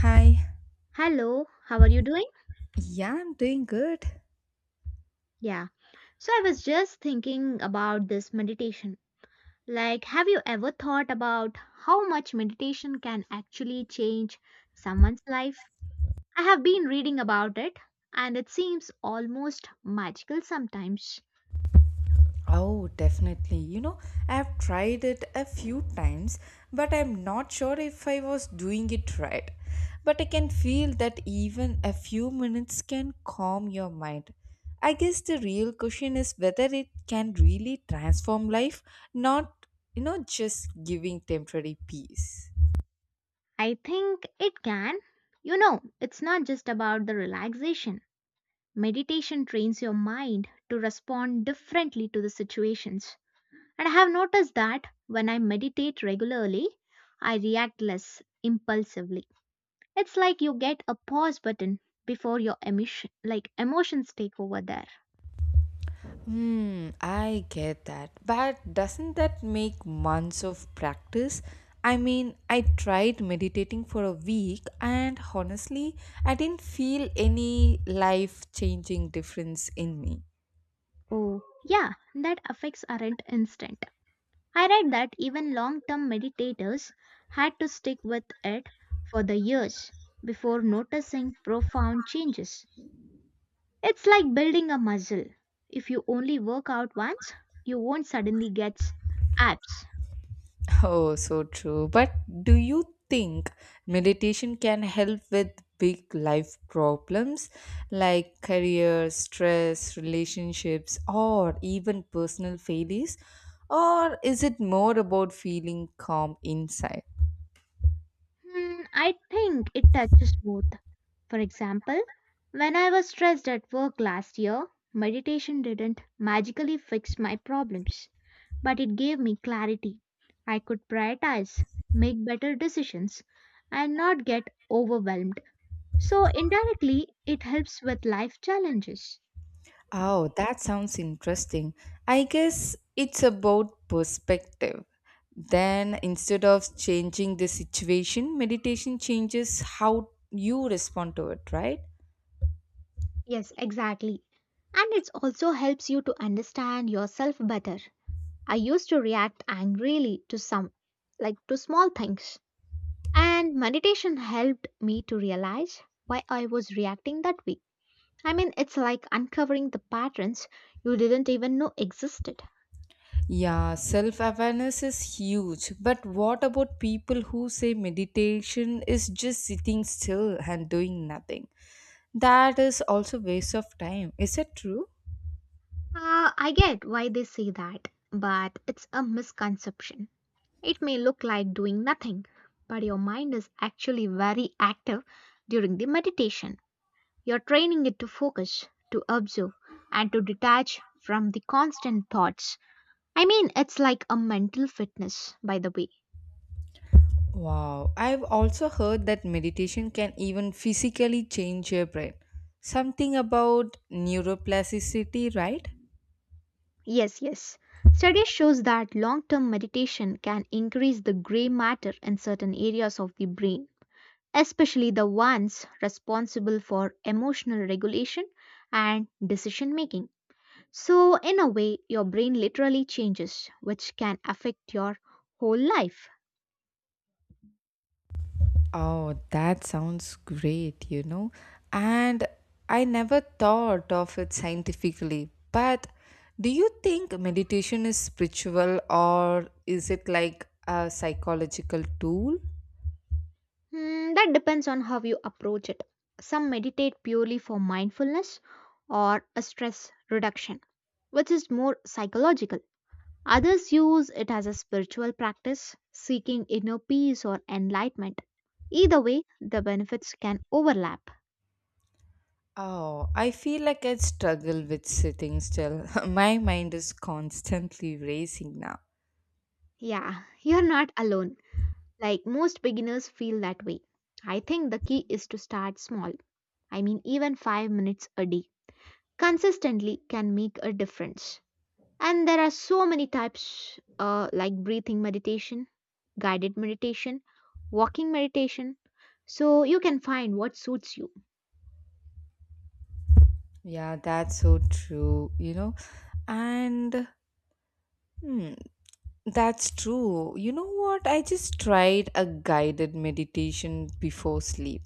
Hi. Hello, how are you doing? Yeah, I'm doing good. Yeah. So I was just thinking about this meditation. Like, have you ever thought about how much meditation can actually change someone's life? I have been reading about it and it seems almost magical sometimes. Oh, definitely. I've tried it a few times, but I'm not sure if I was doing it right. But I can feel that even a few minutes can calm your mind. I guess the real question is whether it can really transform life, not, just giving temporary peace. I think it can. You know, it's not just about the relaxation. Meditation trains your mind to respond differently to the situations. And I have noticed that when I meditate regularly, I react less impulsively. It's like you get a pause button before your emotion, like emotions take over there. I get that. But doesn't that make months of practice? I mean, I tried meditating for a week and honestly, I didn't feel any life changing difference in me. Oh, yeah, that effects aren't instant. I read that even long term meditators had to stick with it for the years before noticing profound changes. It's like building a muscle. If you only work out once, you won't suddenly get abs. Oh, so true. But do you think meditation can help with big life problems like career, stress, relationships, or even personal failures? Or is it more about feeling calm inside? Hmm, I think it touches both. For example, when I was stressed at work last year, meditation didn't magically fix my problems, but it gave me clarity. I could prioritize, make better decisions, and not get overwhelmed. So, indirectly, it helps with life challenges. Oh, that sounds interesting. I guess it's about perspective. Then, instead of changing the situation, meditation changes how you respond to it, right? Yes, exactly. And it also helps you to understand yourself better. I used to react angrily to some, like to small things, and meditation helped me to realize why I was reacting that way. I mean, it's like uncovering the patterns you didn't even know existed. Yeah, self awareness is huge. But what about people who say meditation is just sitting still and doing nothing? That is also waste of time. Is it true? I get why they say that, but it's a misconception. It may look like doing nothing, but your mind is actually very active during the meditation. You're training it to focus, to observe, and to detach from the constant thoughts. I mean, it's like a mental fitness, by the way. Wow, I've also heard that meditation can even physically change your brain. Something about neuroplasticity, right? Yes, yes. Studies shows that long-term meditation can increase the gray matter in certain areas of the brain, especially the ones responsible for emotional regulation and decision making. So, in a way, your brain literally changes, which can affect your whole life. Oh, that sounds great. And I never thought of it scientifically. But do you think meditation is spiritual or is it like a psychological tool? Hmm, that depends on how you approach it. Some meditate purely for mindfulness or a stress reduction, which is more psychological. Others use it as a spiritual practice, seeking inner peace or enlightenment. Either way, the benefits can overlap. Oh, I feel like I struggle with sitting still. My mind is constantly racing now. Yeah, you're not alone. Like most beginners feel that way. I think the key is to start small. I mean, even 5 minutes a day consistently can make a difference. And there are so many types like breathing meditation, guided meditation, walking meditation. So you can find what suits you. Yeah, that's so true. And hmm, that's true. You know what? I just tried a guided meditation before sleep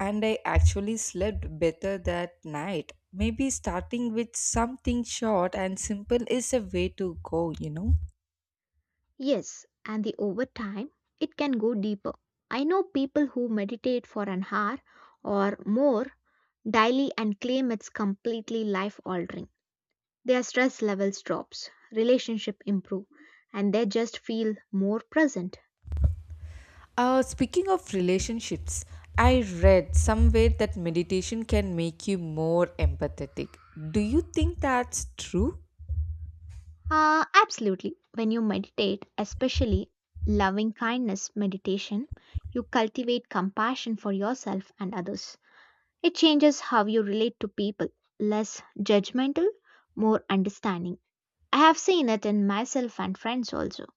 and I actually slept better that night. Maybe starting with something short and simple is a way to go, you know? Yes, and the over time it can go deeper. I know people who meditate for an hour or more daily and claim it's completely life altering. Their stress levels drops, relationship improve, and they just feel more present. Speaking of relationships, I read somewhere that meditation can make you more empathetic. Do you think that's true? Absolutely. When you meditate, especially loving kindness meditation, you cultivate compassion for yourself and others. It changes how you relate to people, less judgmental, more understanding. I have seen it in myself and friends also.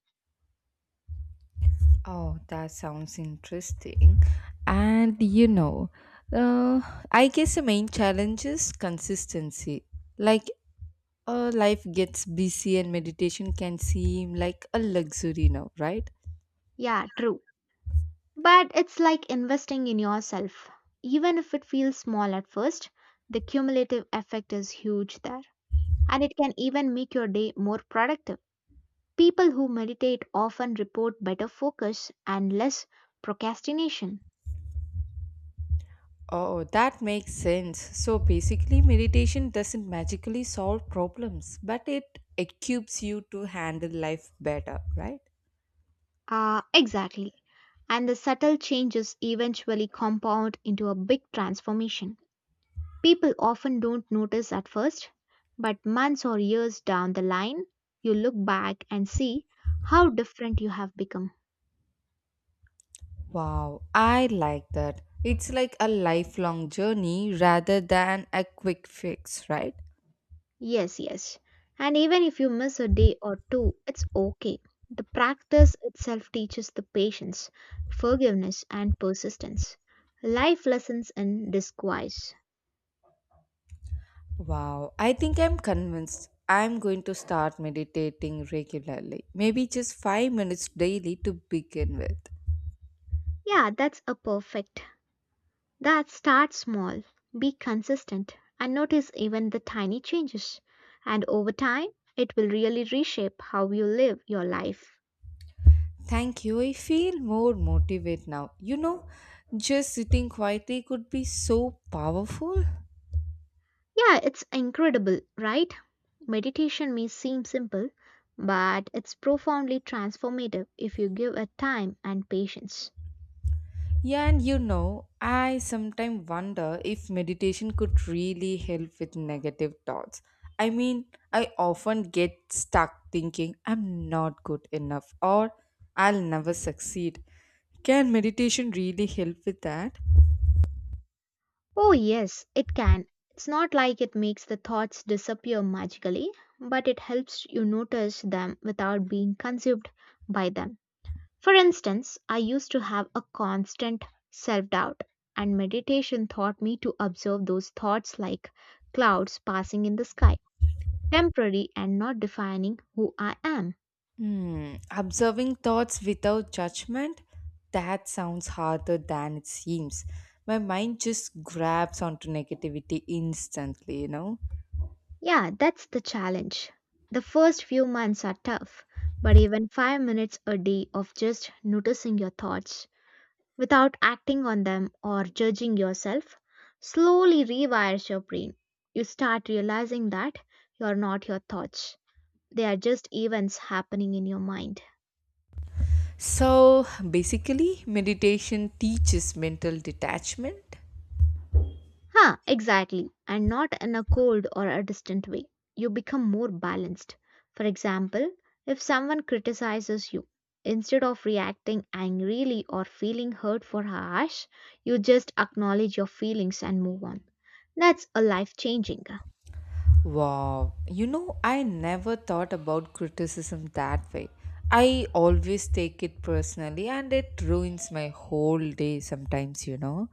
Oh, that sounds interesting. And uh, I guess the main challenge is consistency. Like, life gets busy and meditation can seem like a luxury now, right? Yeah, true. But it's like investing in yourself. Even if it feels small at first, the cumulative effect is huge there. And it can even make your day more productive. People who meditate often report better focus and less procrastination. Oh, that makes sense. So basically, meditation doesn't magically solve problems, but it equips you to handle life better, right? Ah, exactly. And the subtle changes eventually compound into a big transformation. People often don't notice at first, but months or years down the line, you look back and see how different you have become. Wow, I like that. It's like a lifelong journey rather than a quick fix, right? Yes, yes. And even if you miss a day or two, it's okay. The practice itself teaches the patience, forgiveness, and persistence. Life lessons in disguise. Wow, I think I'm convinced I'm going to start meditating regularly. Maybe just 5 minutes daily to begin with. Yeah, that's a perfect. That start small, be consistent, and notice even the tiny changes. And over time, it will really reshape how you live your life. Thank you. I feel more motivated now. Just sitting quietly could be so powerful. Yeah, it's incredible, right? Meditation may seem simple, but it's profoundly transformative if you give it time and patience. Yeah, and I sometimes wonder if meditation could really help with negative thoughts. I mean, I often get stuck thinking I'm not good enough or I'll never succeed. Can meditation really help with that? Oh, yes, it can. It's not like it makes the thoughts disappear magically, but it helps you notice them without being consumed by them. For instance, I used to have a constant self doubt, and meditation taught me to observe those thoughts like clouds passing in the sky, temporary and not defining who I am. Observing thoughts without judgment? That sounds harder than it seems. My mind just grabs onto negativity instantly, you know? Yeah, that's the challenge. The first few months are tough, but even 5 minutes a day of just noticing your thoughts without acting on them or judging yourself slowly rewires your brain. You start realizing that you're not your thoughts. They are just events happening in your mind. So basically, meditation teaches mental detachment. Huh, exactly. And not in a cold or a distant way. You become more balanced. For example, if someone criticizes you, instead of reacting angrily or feeling hurt for harsh, you just acknowledge your feelings and move on. That's a life changing. Wow, I never thought about criticism that way. I always take it personally and it ruins my whole day sometimes.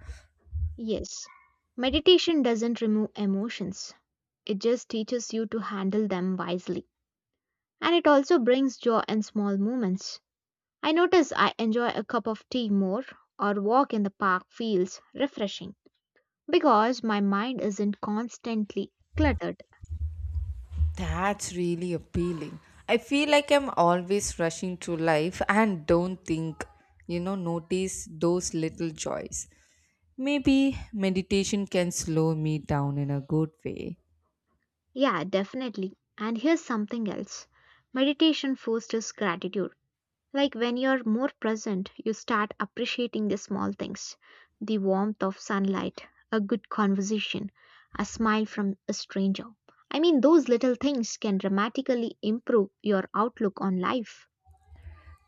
Yes. Meditation doesn't remove emotions, it just teaches you to handle them wisely. And it also brings joy in small moments. I notice I enjoy a cup of tea more, or walk in the park feels refreshing because my mind isn't constantly cluttered. That's really appealing. I feel like I'm always rushing through life and don't think, notice those little joys. Maybe meditation can slow me down in a good way. Yeah, definitely. And here's something else. Meditation fosters gratitude. Like when you're more present, you start appreciating the small things, the warmth of sunlight, a good conversation, a smile from a stranger. I mean, those little things can dramatically improve your outlook on life.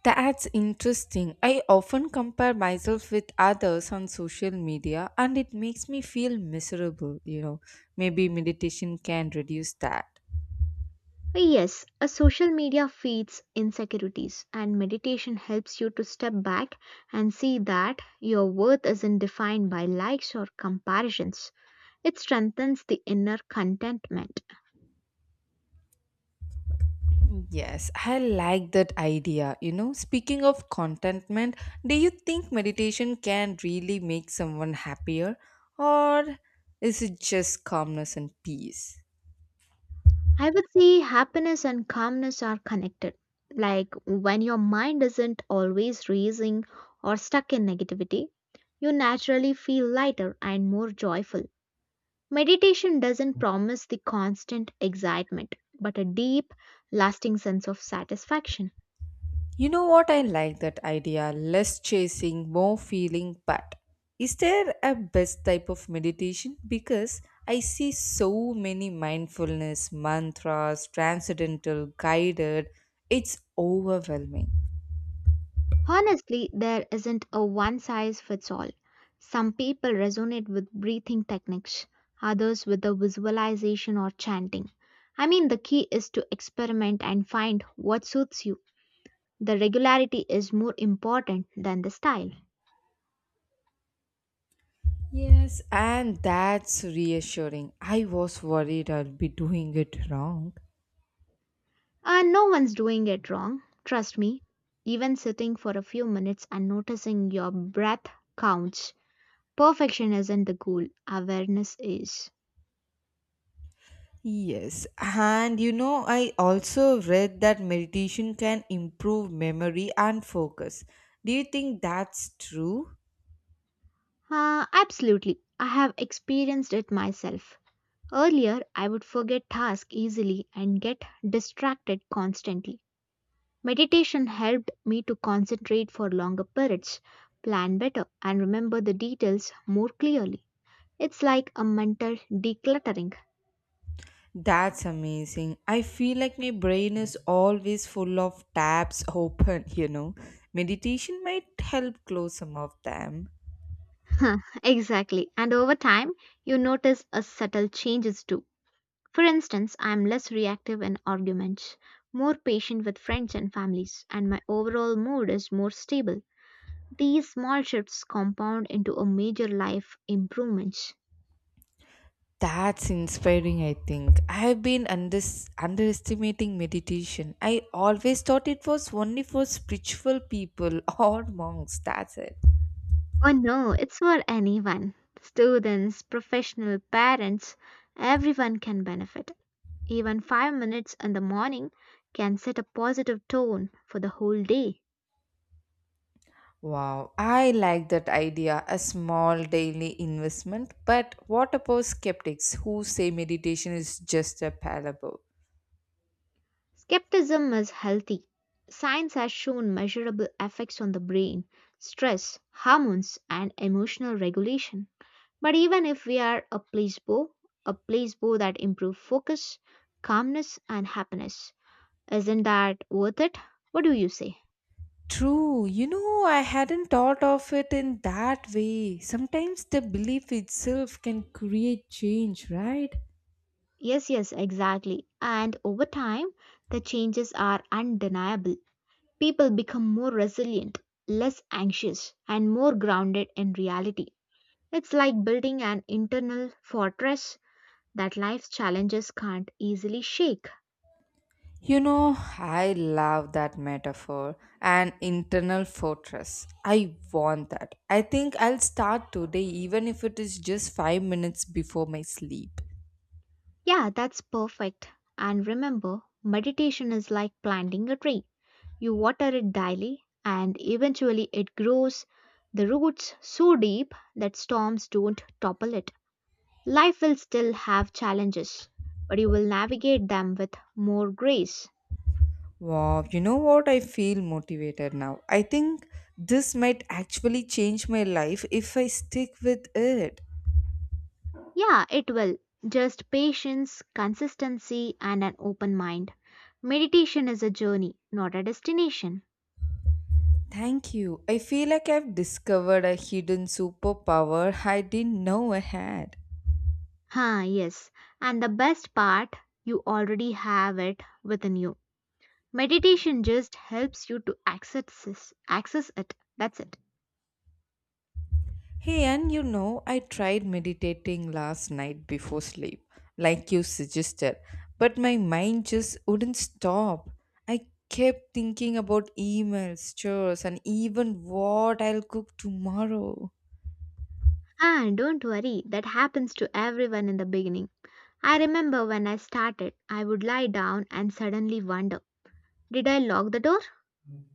That's interesting. I often compare myself with others on social media and it makes me feel miserable. Maybe meditation can reduce that. Yes, a social media feeds insecurities, and meditation helps you to step back and see that your worth isn't defined by likes or comparisons. It strengthens the inner contentment. Yes, I like that idea. Speaking of contentment, do you think meditation can really make someone happier or is it just calmness and peace? I would say happiness and calmness are connected. Like when your mind isn't always racing or stuck in negativity, you naturally feel lighter and more joyful. Meditation doesn't promise the constant excitement, but a deep, lasting sense of satisfaction. You know what? I like that idea. Less chasing, more feeling. But is there a best type of meditation? Because I see so many mindfulness, mantras, transcendental, guided. It's overwhelming. Honestly, there isn't a one size fits all. Some people resonate with breathing techniques, others with the visualization or chanting. I mean, the key is to experiment and find what suits you. The regularity is more important than the style. Yes, and that's reassuring. I was worried I'll be doing it wrong. And no one's doing it wrong, trust me. Even sitting for a few minutes and noticing your breath counts. Perfection isn't the goal, awareness is. Yes, and I also read that meditation can improve memory and focus. Do you think that's true? Absolutely, I have experienced it myself. Earlier, I would forget tasks easily and get distracted constantly. Meditation helped me to concentrate for longer periods, plan better, and remember the details more clearly. It's like a mental decluttering. That's amazing. I feel like my brain is always full of tabs open. Meditation might help close some of them. Exactly, and over time, you notice a subtle changes too. For instance, I am less reactive in arguments, more patient with friends and families, and my overall mood is more stable. These small shifts compound into a major life improvements. That's inspiring, I think. I have been underestimating meditation. I always thought it was only for spiritual people or monks. That's it. Oh no, it's for anyone. Students, professional parents, everyone can benefit. Even 5 minutes in the morning can set a positive tone for the whole day. Wow, I like that idea. A small daily investment. But what about skeptics who say meditation is just a parable? Skepticism is healthy. Science has shown measurable effects on the brain, stress, hormones, and emotional regulation. But even if we are a placebo that improves focus, calmness, and happiness, isn't that worth it? What do you say? True. I hadn't thought of it in that way. Sometimes the belief itself can create change, right? Yes, yes, exactly. And over time, the changes are undeniable. People become more resilient, less anxious, and more grounded in reality. It's like building an internal fortress that life's challenges can't easily shake. I love that metaphor. An internal fortress. I want that. I think I'll start today, even if it is just 5 minutes before my sleep. Yeah, that's perfect. And remember, meditation is like planting a tree. You water it daily, and eventually it grows the roots so deep that storms don't topple it. Life will still have challenges, but you will navigate them with more grace. Wow, you know what? I feel motivated now. I think this might actually change my life if I stick with it. Yeah, it will. Just patience, consistency, and an open mind. Meditation is a journey, not a destination. Thank you. I feel like I've discovered a hidden superpower I didn't know I had. Ah, yes. And the best part, you already have it within you. Meditation just helps you to access it. That's it. Hey, and I tried meditating last night before sleep, like you suggested, but my mind just wouldn't stop. I kept thinking about emails, chores, and even what I'll cook tomorrow. And don't worry, that happens to everyone in the beginning. I remember when I started, I would lie down and suddenly wonder, did I lock the door?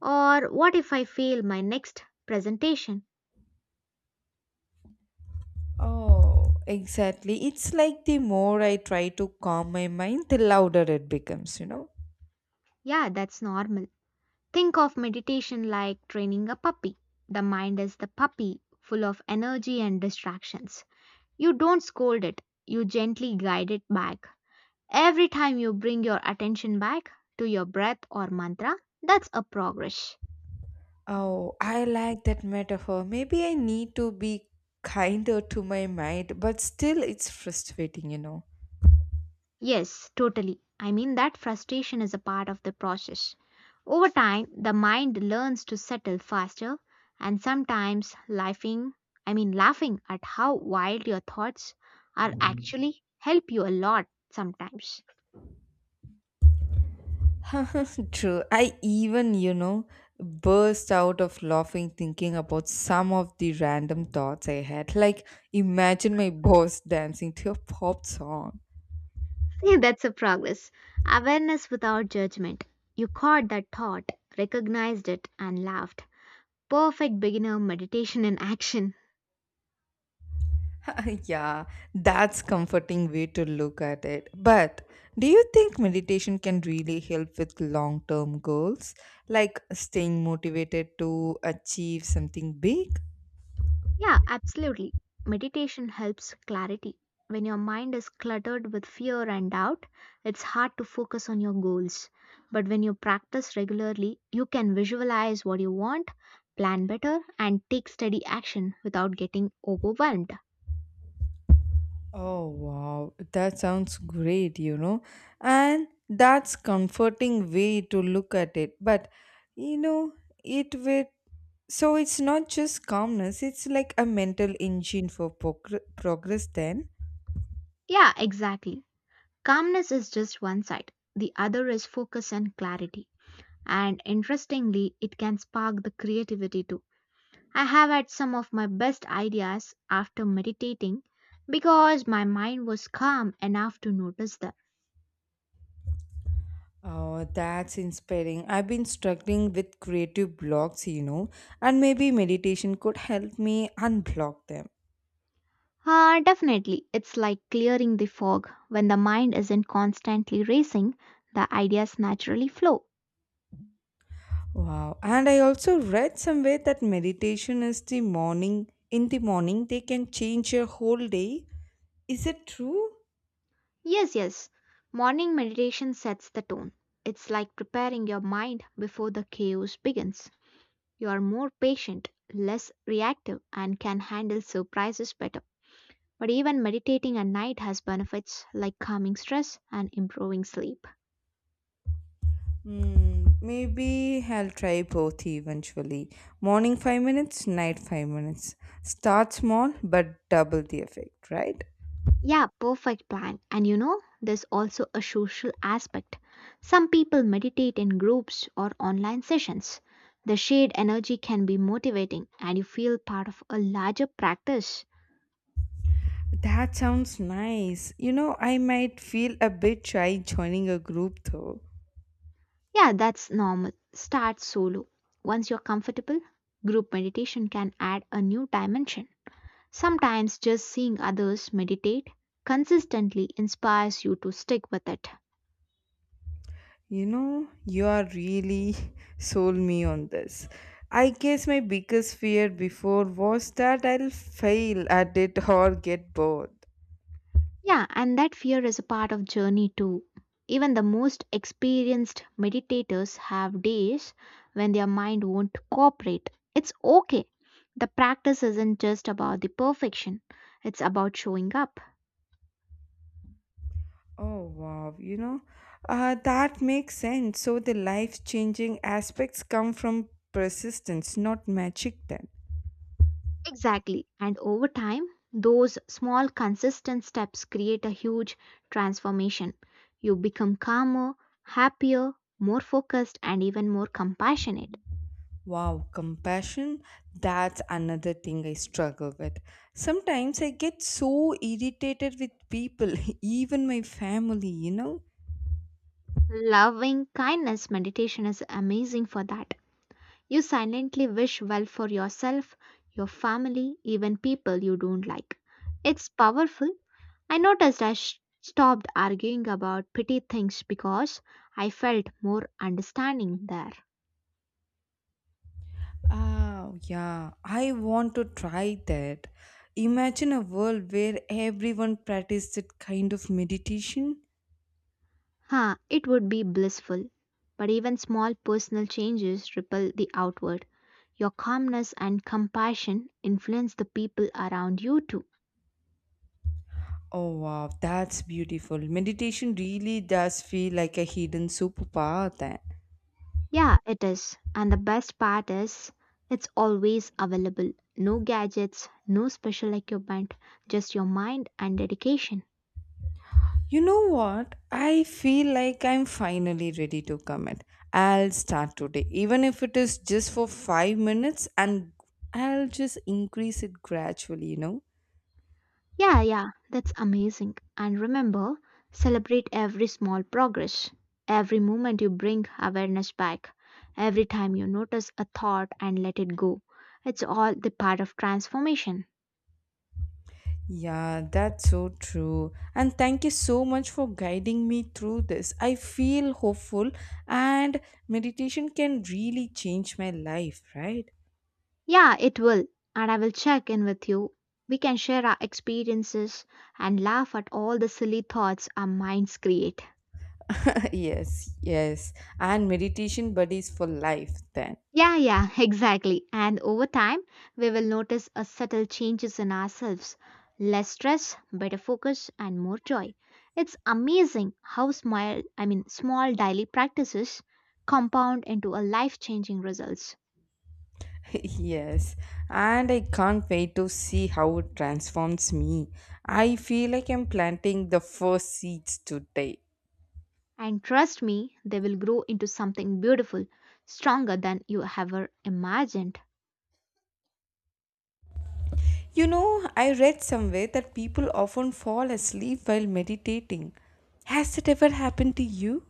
Or what if I fail my next presentation? Oh, exactly. It's like the more I try to calm my mind, the louder it becomes, you know? Yeah, that's normal. Think of meditation like training a puppy. The mind is the puppy, full of energy and distractions. You don't scold it, you gently guide it back. Every time you bring your attention back to your breath or mantra, that's a progress. Oh, I like that metaphor. Maybe I need to be kinder to my mind, but still it's frustrating, you know? Yes, totally. I mean, that frustration is a part of the process. Over time, the mind learns to settle faster, and sometimes laughing, laughing at how wild your thoughts are actually help you a lot sometimes. True. I even, burst out of laughing thinking about some of the random thoughts I had. Like, imagine my boss dancing to a pop song. See, that's a progress. Awareness without judgment. You caught that thought, recognized it, and laughed. Perfect beginner meditation in action. Yeah, that's comforting way to look at it. But do you think meditation can really help with long-term goals, like staying motivated to achieve something big? Yeah, absolutely. Meditation helps clarity. When your mind is cluttered with fear and doubt, it's hard to focus on your goals. But when you practice regularly, you can visualize what you want, plan better, and take steady action without getting overwhelmed. Oh wow, that sounds great. And that's comforting way to look at it. But you know, it with so it's not just calmness, it's like a mental engine for progress then. Yeah, exactly. Calmness is just one side, the other is focus and clarity. And interestingly, it can spark the creativity too. I have had some of my best ideas after meditating because my mind was calm enough to notice them. Oh, that's inspiring. I've been struggling with creative blocks, and maybe meditation could help me unblock them. Ah, definitely, it's like clearing the fog. When the mind isn't constantly racing, the ideas naturally flow. Wow. And I also read somewhere that meditation in the morning, they can change your whole day. Is it true? Yes, yes, morning meditation sets the tone. It's like preparing your mind before the chaos begins. You are more patient, less reactive, and can handle surprises better. But even meditating at night has benefits like calming stress and improving sleep. Maybe I'll try both eventually. Morning 5 minutes, night 5 minutes. Start small, but double the effect, right? Yeah, perfect plan. And there's also a social aspect. Some people meditate in groups or online sessions. The shared energy can be motivating and you feel part of a larger practice. That sounds nice. I might feel a bit shy joining a group though. Yeah, that's normal. Start solo. Once you're comfortable, group meditation can add a new dimension. Sometimes just seeing others meditate consistently inspires you to stick with it. You are really sold me on this. I guess my biggest fear before was that I'll fail at it or get bored. Yeah, and that fear is a part of journey too. Even the most experienced meditators have days when their mind won't cooperate. It's okay. The practice isn't just about the perfection, it's about showing up. Oh wow, that makes sense. So the life changing aspects come from persistence, not magic then. Exactly. And over time, those small, consistent steps create a huge transformation. You become calmer, happier, more focused, and even more compassionate. Wow, compassion, that's another thing I struggle with. Sometimes I get so irritated with people, even my family, you know? Loving kindness meditation is amazing for that. You silently wish well for yourself, your family, even people you don't like. It's powerful. I noticed stopped arguing about petty things because I felt more understanding there. Ah, yeah, I want to try that. Imagine a world where everyone practiced that kind of meditation. Huh, it would be blissful. But even small personal changes ripple the outward. Your calmness and compassion influence the people around you too. Oh, wow, that's beautiful. Meditation really does feel like a hidden superpower then. Yeah, it is. And the best part is it's always available. No gadgets, no special equipment, just your mind and dedication. You know what? I feel like I'm finally ready to commit. I'll start today, even if it is just for 5 minutes, and I'll just increase it gradually, you know? Yeah, yeah, that's amazing. And remember, celebrate every small progress. Every moment you bring awareness back. Every time you notice a thought and let it go. It's all the part of transformation. Yeah, that's so true. And thank you so much for guiding me through this. I feel hopeful, and meditation can really change my life, right? Yeah, it will. And I will check in with you. We can share our experiences and laugh at all the silly thoughts our minds create. Yes, yes. And meditation buddies for life, then. Yeah, yeah, exactly. And over time, we will notice a subtle changes in ourselves. Less stress, better focus, and more joy. It's amazing how small, small daily practices compound into a life-changing results. Yes, and I can't wait to see how it transforms me. I feel like I'm planting the first seeds today. And trust me, they will grow into something beautiful, stronger than you ever imagined. I read somewhere that people often fall asleep while meditating. Has it ever happened to you?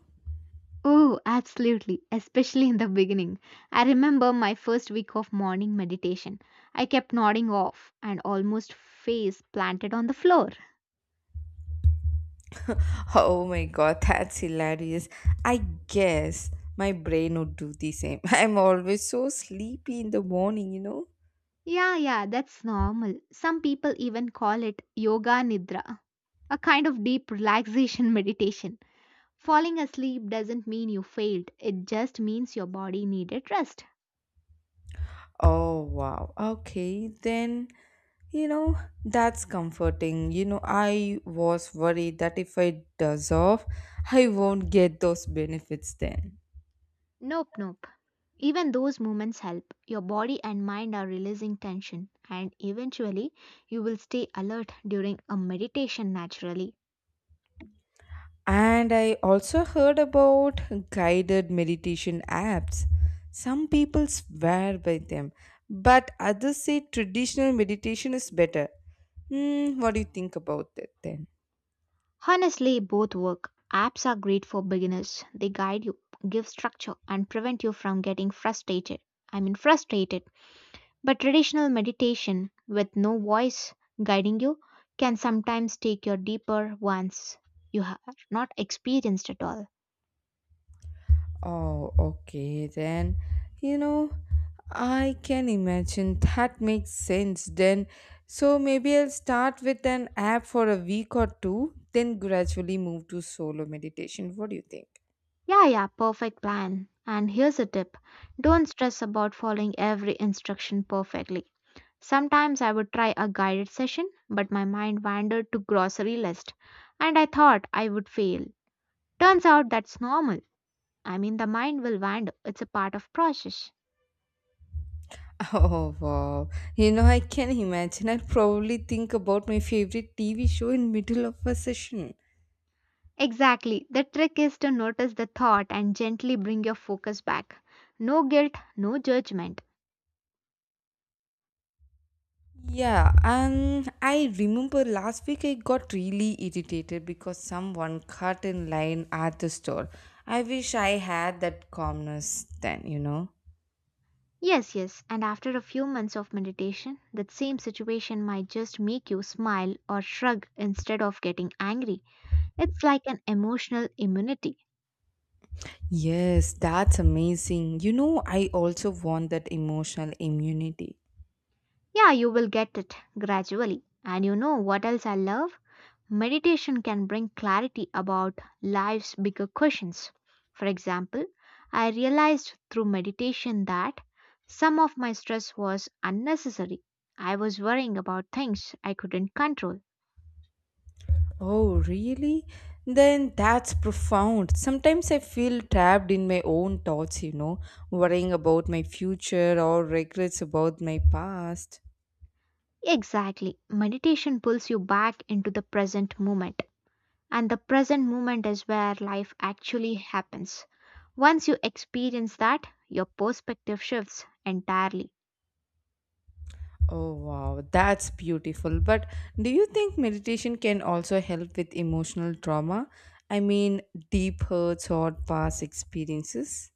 Oh, absolutely, especially in the beginning. I remember my first week of morning meditation. I kept nodding off and almost face planted on the floor. Oh my god, that's hilarious. I guess my brain would do the same. I'm always so sleepy in the morning. Yeah, yeah, that's normal. Some people even call it yoga nidra, a kind of deep relaxation meditation. Falling asleep doesn't mean you failed, it just means your body needed rest. Oh, wow. Okay, then, you know, that's comforting. I was worried that if I deserve, I won't get those benefits then. Nope, nope. Even those moments help. Your body and mind are releasing tension, and eventually, you will stay alert during a meditation naturally. And I also heard about guided meditation apps. Some people swear by them, but others say traditional meditation is better. What do you think about that then? Honestly, both work. Apps are great for beginners. They guide you, give structure, and prevent you from getting frustrated. Frustrated. But traditional meditation with no voice guiding you can sometimes take your deeper ones you have not experienced at all. Oh, okay, then. You know, I can imagine that makes sense then. So maybe I'll start with an app for a week or two, then gradually move to solo meditation. What do you think? Yeah, yeah, perfect plan. And here's a tip don't stress about following every instruction perfectly. Sometimes I would try a guided session, but my mind wandered to grocery list and I thought I would fail. Turns out that's normal. The mind will wander, it's a part of process. Oh, wow. I can imagine. I'll probably think about my favorite TV show in middle of a session. Exactly. The trick is to notice the thought and gently bring your focus back. No guilt, no judgment. Yeah, and I remember last week I got really irritated because someone cut in line at the store. I wish I had that calmness then. Yes, yes, and after a few months of meditation, that same situation might just make you smile or shrug instead of getting angry. It's like an emotional immunity. Yes, that's amazing. I also want that emotional immunity. Yeah, you will get it gradually. And you know what else I love? Meditation can bring clarity about life's bigger questions. For example, I realized through meditation that some of my stress was unnecessary. I was worrying about things I couldn't control. Oh, really? Then that's profound. Sometimes I feel trapped in my own thoughts, worrying about my future or regrets about my past. Exactly. Meditation pulls you back into the present moment. And the present moment is where life actually happens. Once you experience that, your perspective shifts entirely. Oh, wow, that's beautiful. But do you think meditation can also help with emotional trauma? I mean, deep hurts or past experiences?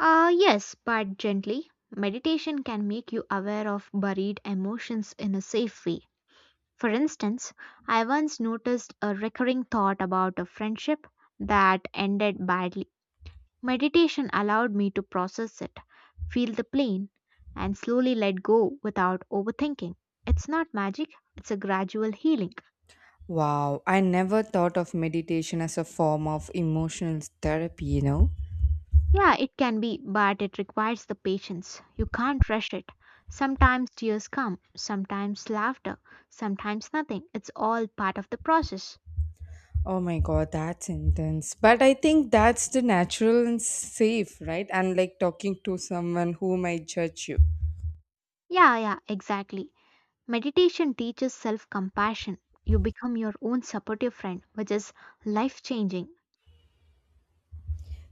Ah, yes, but gently. Meditation can make you aware of buried emotions in a safe way. For instance, I once noticed a recurring thought about a friendship that ended badly. Meditation allowed me to process it, feel the pain, and slowly let go without overthinking. It's not magic, it's a gradual healing. Wow, I never thought of meditation as a form of emotional therapy, you know? Yeah, it can be, but it requires the patience. You can't rush it. Sometimes tears come, sometimes laughter, sometimes nothing. It's all part of the process. Oh my god, that's intense. But I think that's the natural and safe, right? Unlike talking to someone who might judge you. Yeah, yeah, exactly. Meditation teaches self compassion. You become your own supportive friend, which is life changing.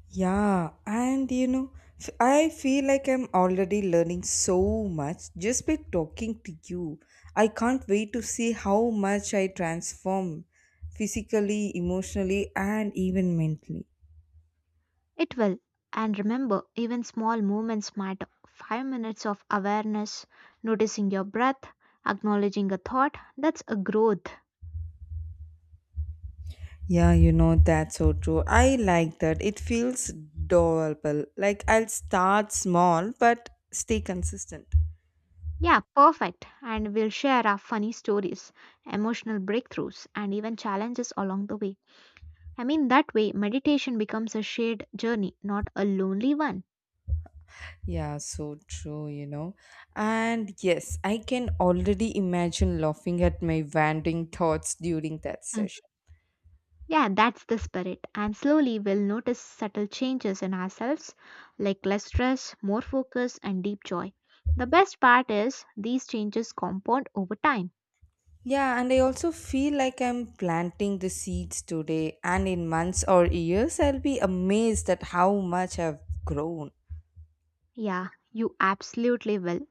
Yeah, and I feel like I'm already learning so much just by talking to you. I can't wait to see how much I transform physically, emotionally, and even mentally. It will. And remember, even small movements matter. 5 minutes of awareness, noticing your breath, acknowledging a thought, that's a growth. Yeah, that's so true. I like that. It feels doable. Like I'll start small but stay consistent. Yeah, perfect. And we'll share our funny stories, emotional breakthroughs, and even challenges along the way. That way, meditation becomes a shared journey, not a lonely one. Yeah, so true. And yes, I can already imagine laughing at my wandering thoughts during that session. Yeah, that's the spirit. And slowly we'll notice subtle changes in ourselves, like less stress, more focus, and deep joy. The best part is these changes compound over time. Yeah, and I also feel like I'm planting the seeds today, and in months or years, I'll be amazed at how much I've grown. Yeah, you absolutely will.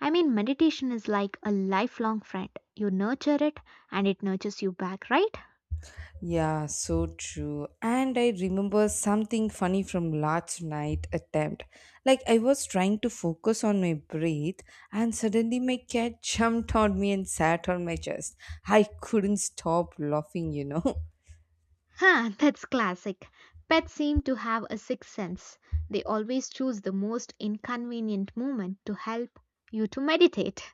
Meditation is like a lifelong friend. You nurture it and it nurtures you back, right? Yeah, so true. And I remember something funny from last night attempt. Like I was trying to focus on my breath and suddenly my cat jumped on me and sat on my chest. I couldn't stop laughing. Huh, that's classic. Pets seem to have a sixth sense. They always choose the most inconvenient moment to help you to meditate.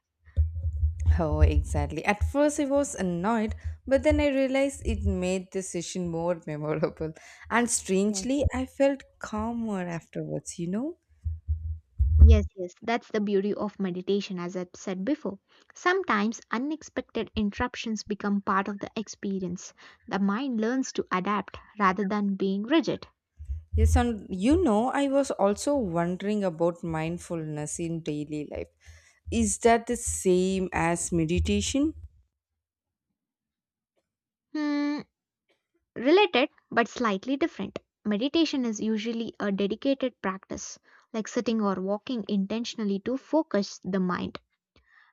Oh, exactly. At first I was annoyed, but then I realized it made the session more memorable. And Yes. strangely, I felt calmer afterwards, you know? Yes, yes, that's the beauty of meditation, as I've said before. Sometimes unexpected interruptions become part of the experience. The mind learns to adapt rather than being rigid. Yes, and I was also wondering about mindfulness in daily life. Is that the same as meditation? Hmm, related but slightly different. Meditation is usually a dedicated practice, like sitting or walking intentionally to focus the mind.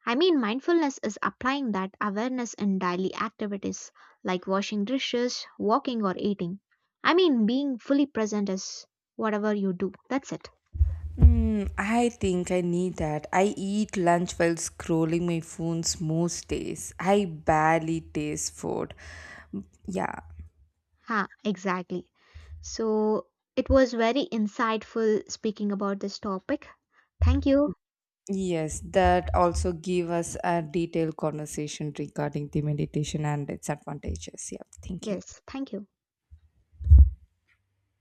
Mindfulness is applying that awareness in daily activities like washing dishes, walking, or eating. Being fully present is whatever you do. That's it. I think I need that. I eat lunch while scrolling my phones most days. I barely taste food. Yeah. Ha, exactly. So it was very insightful speaking about this topic. Thank you. Yes, that also give us a detailed conversation regarding the meditation and its advantages. Yeah, thank you. Yes, thank you.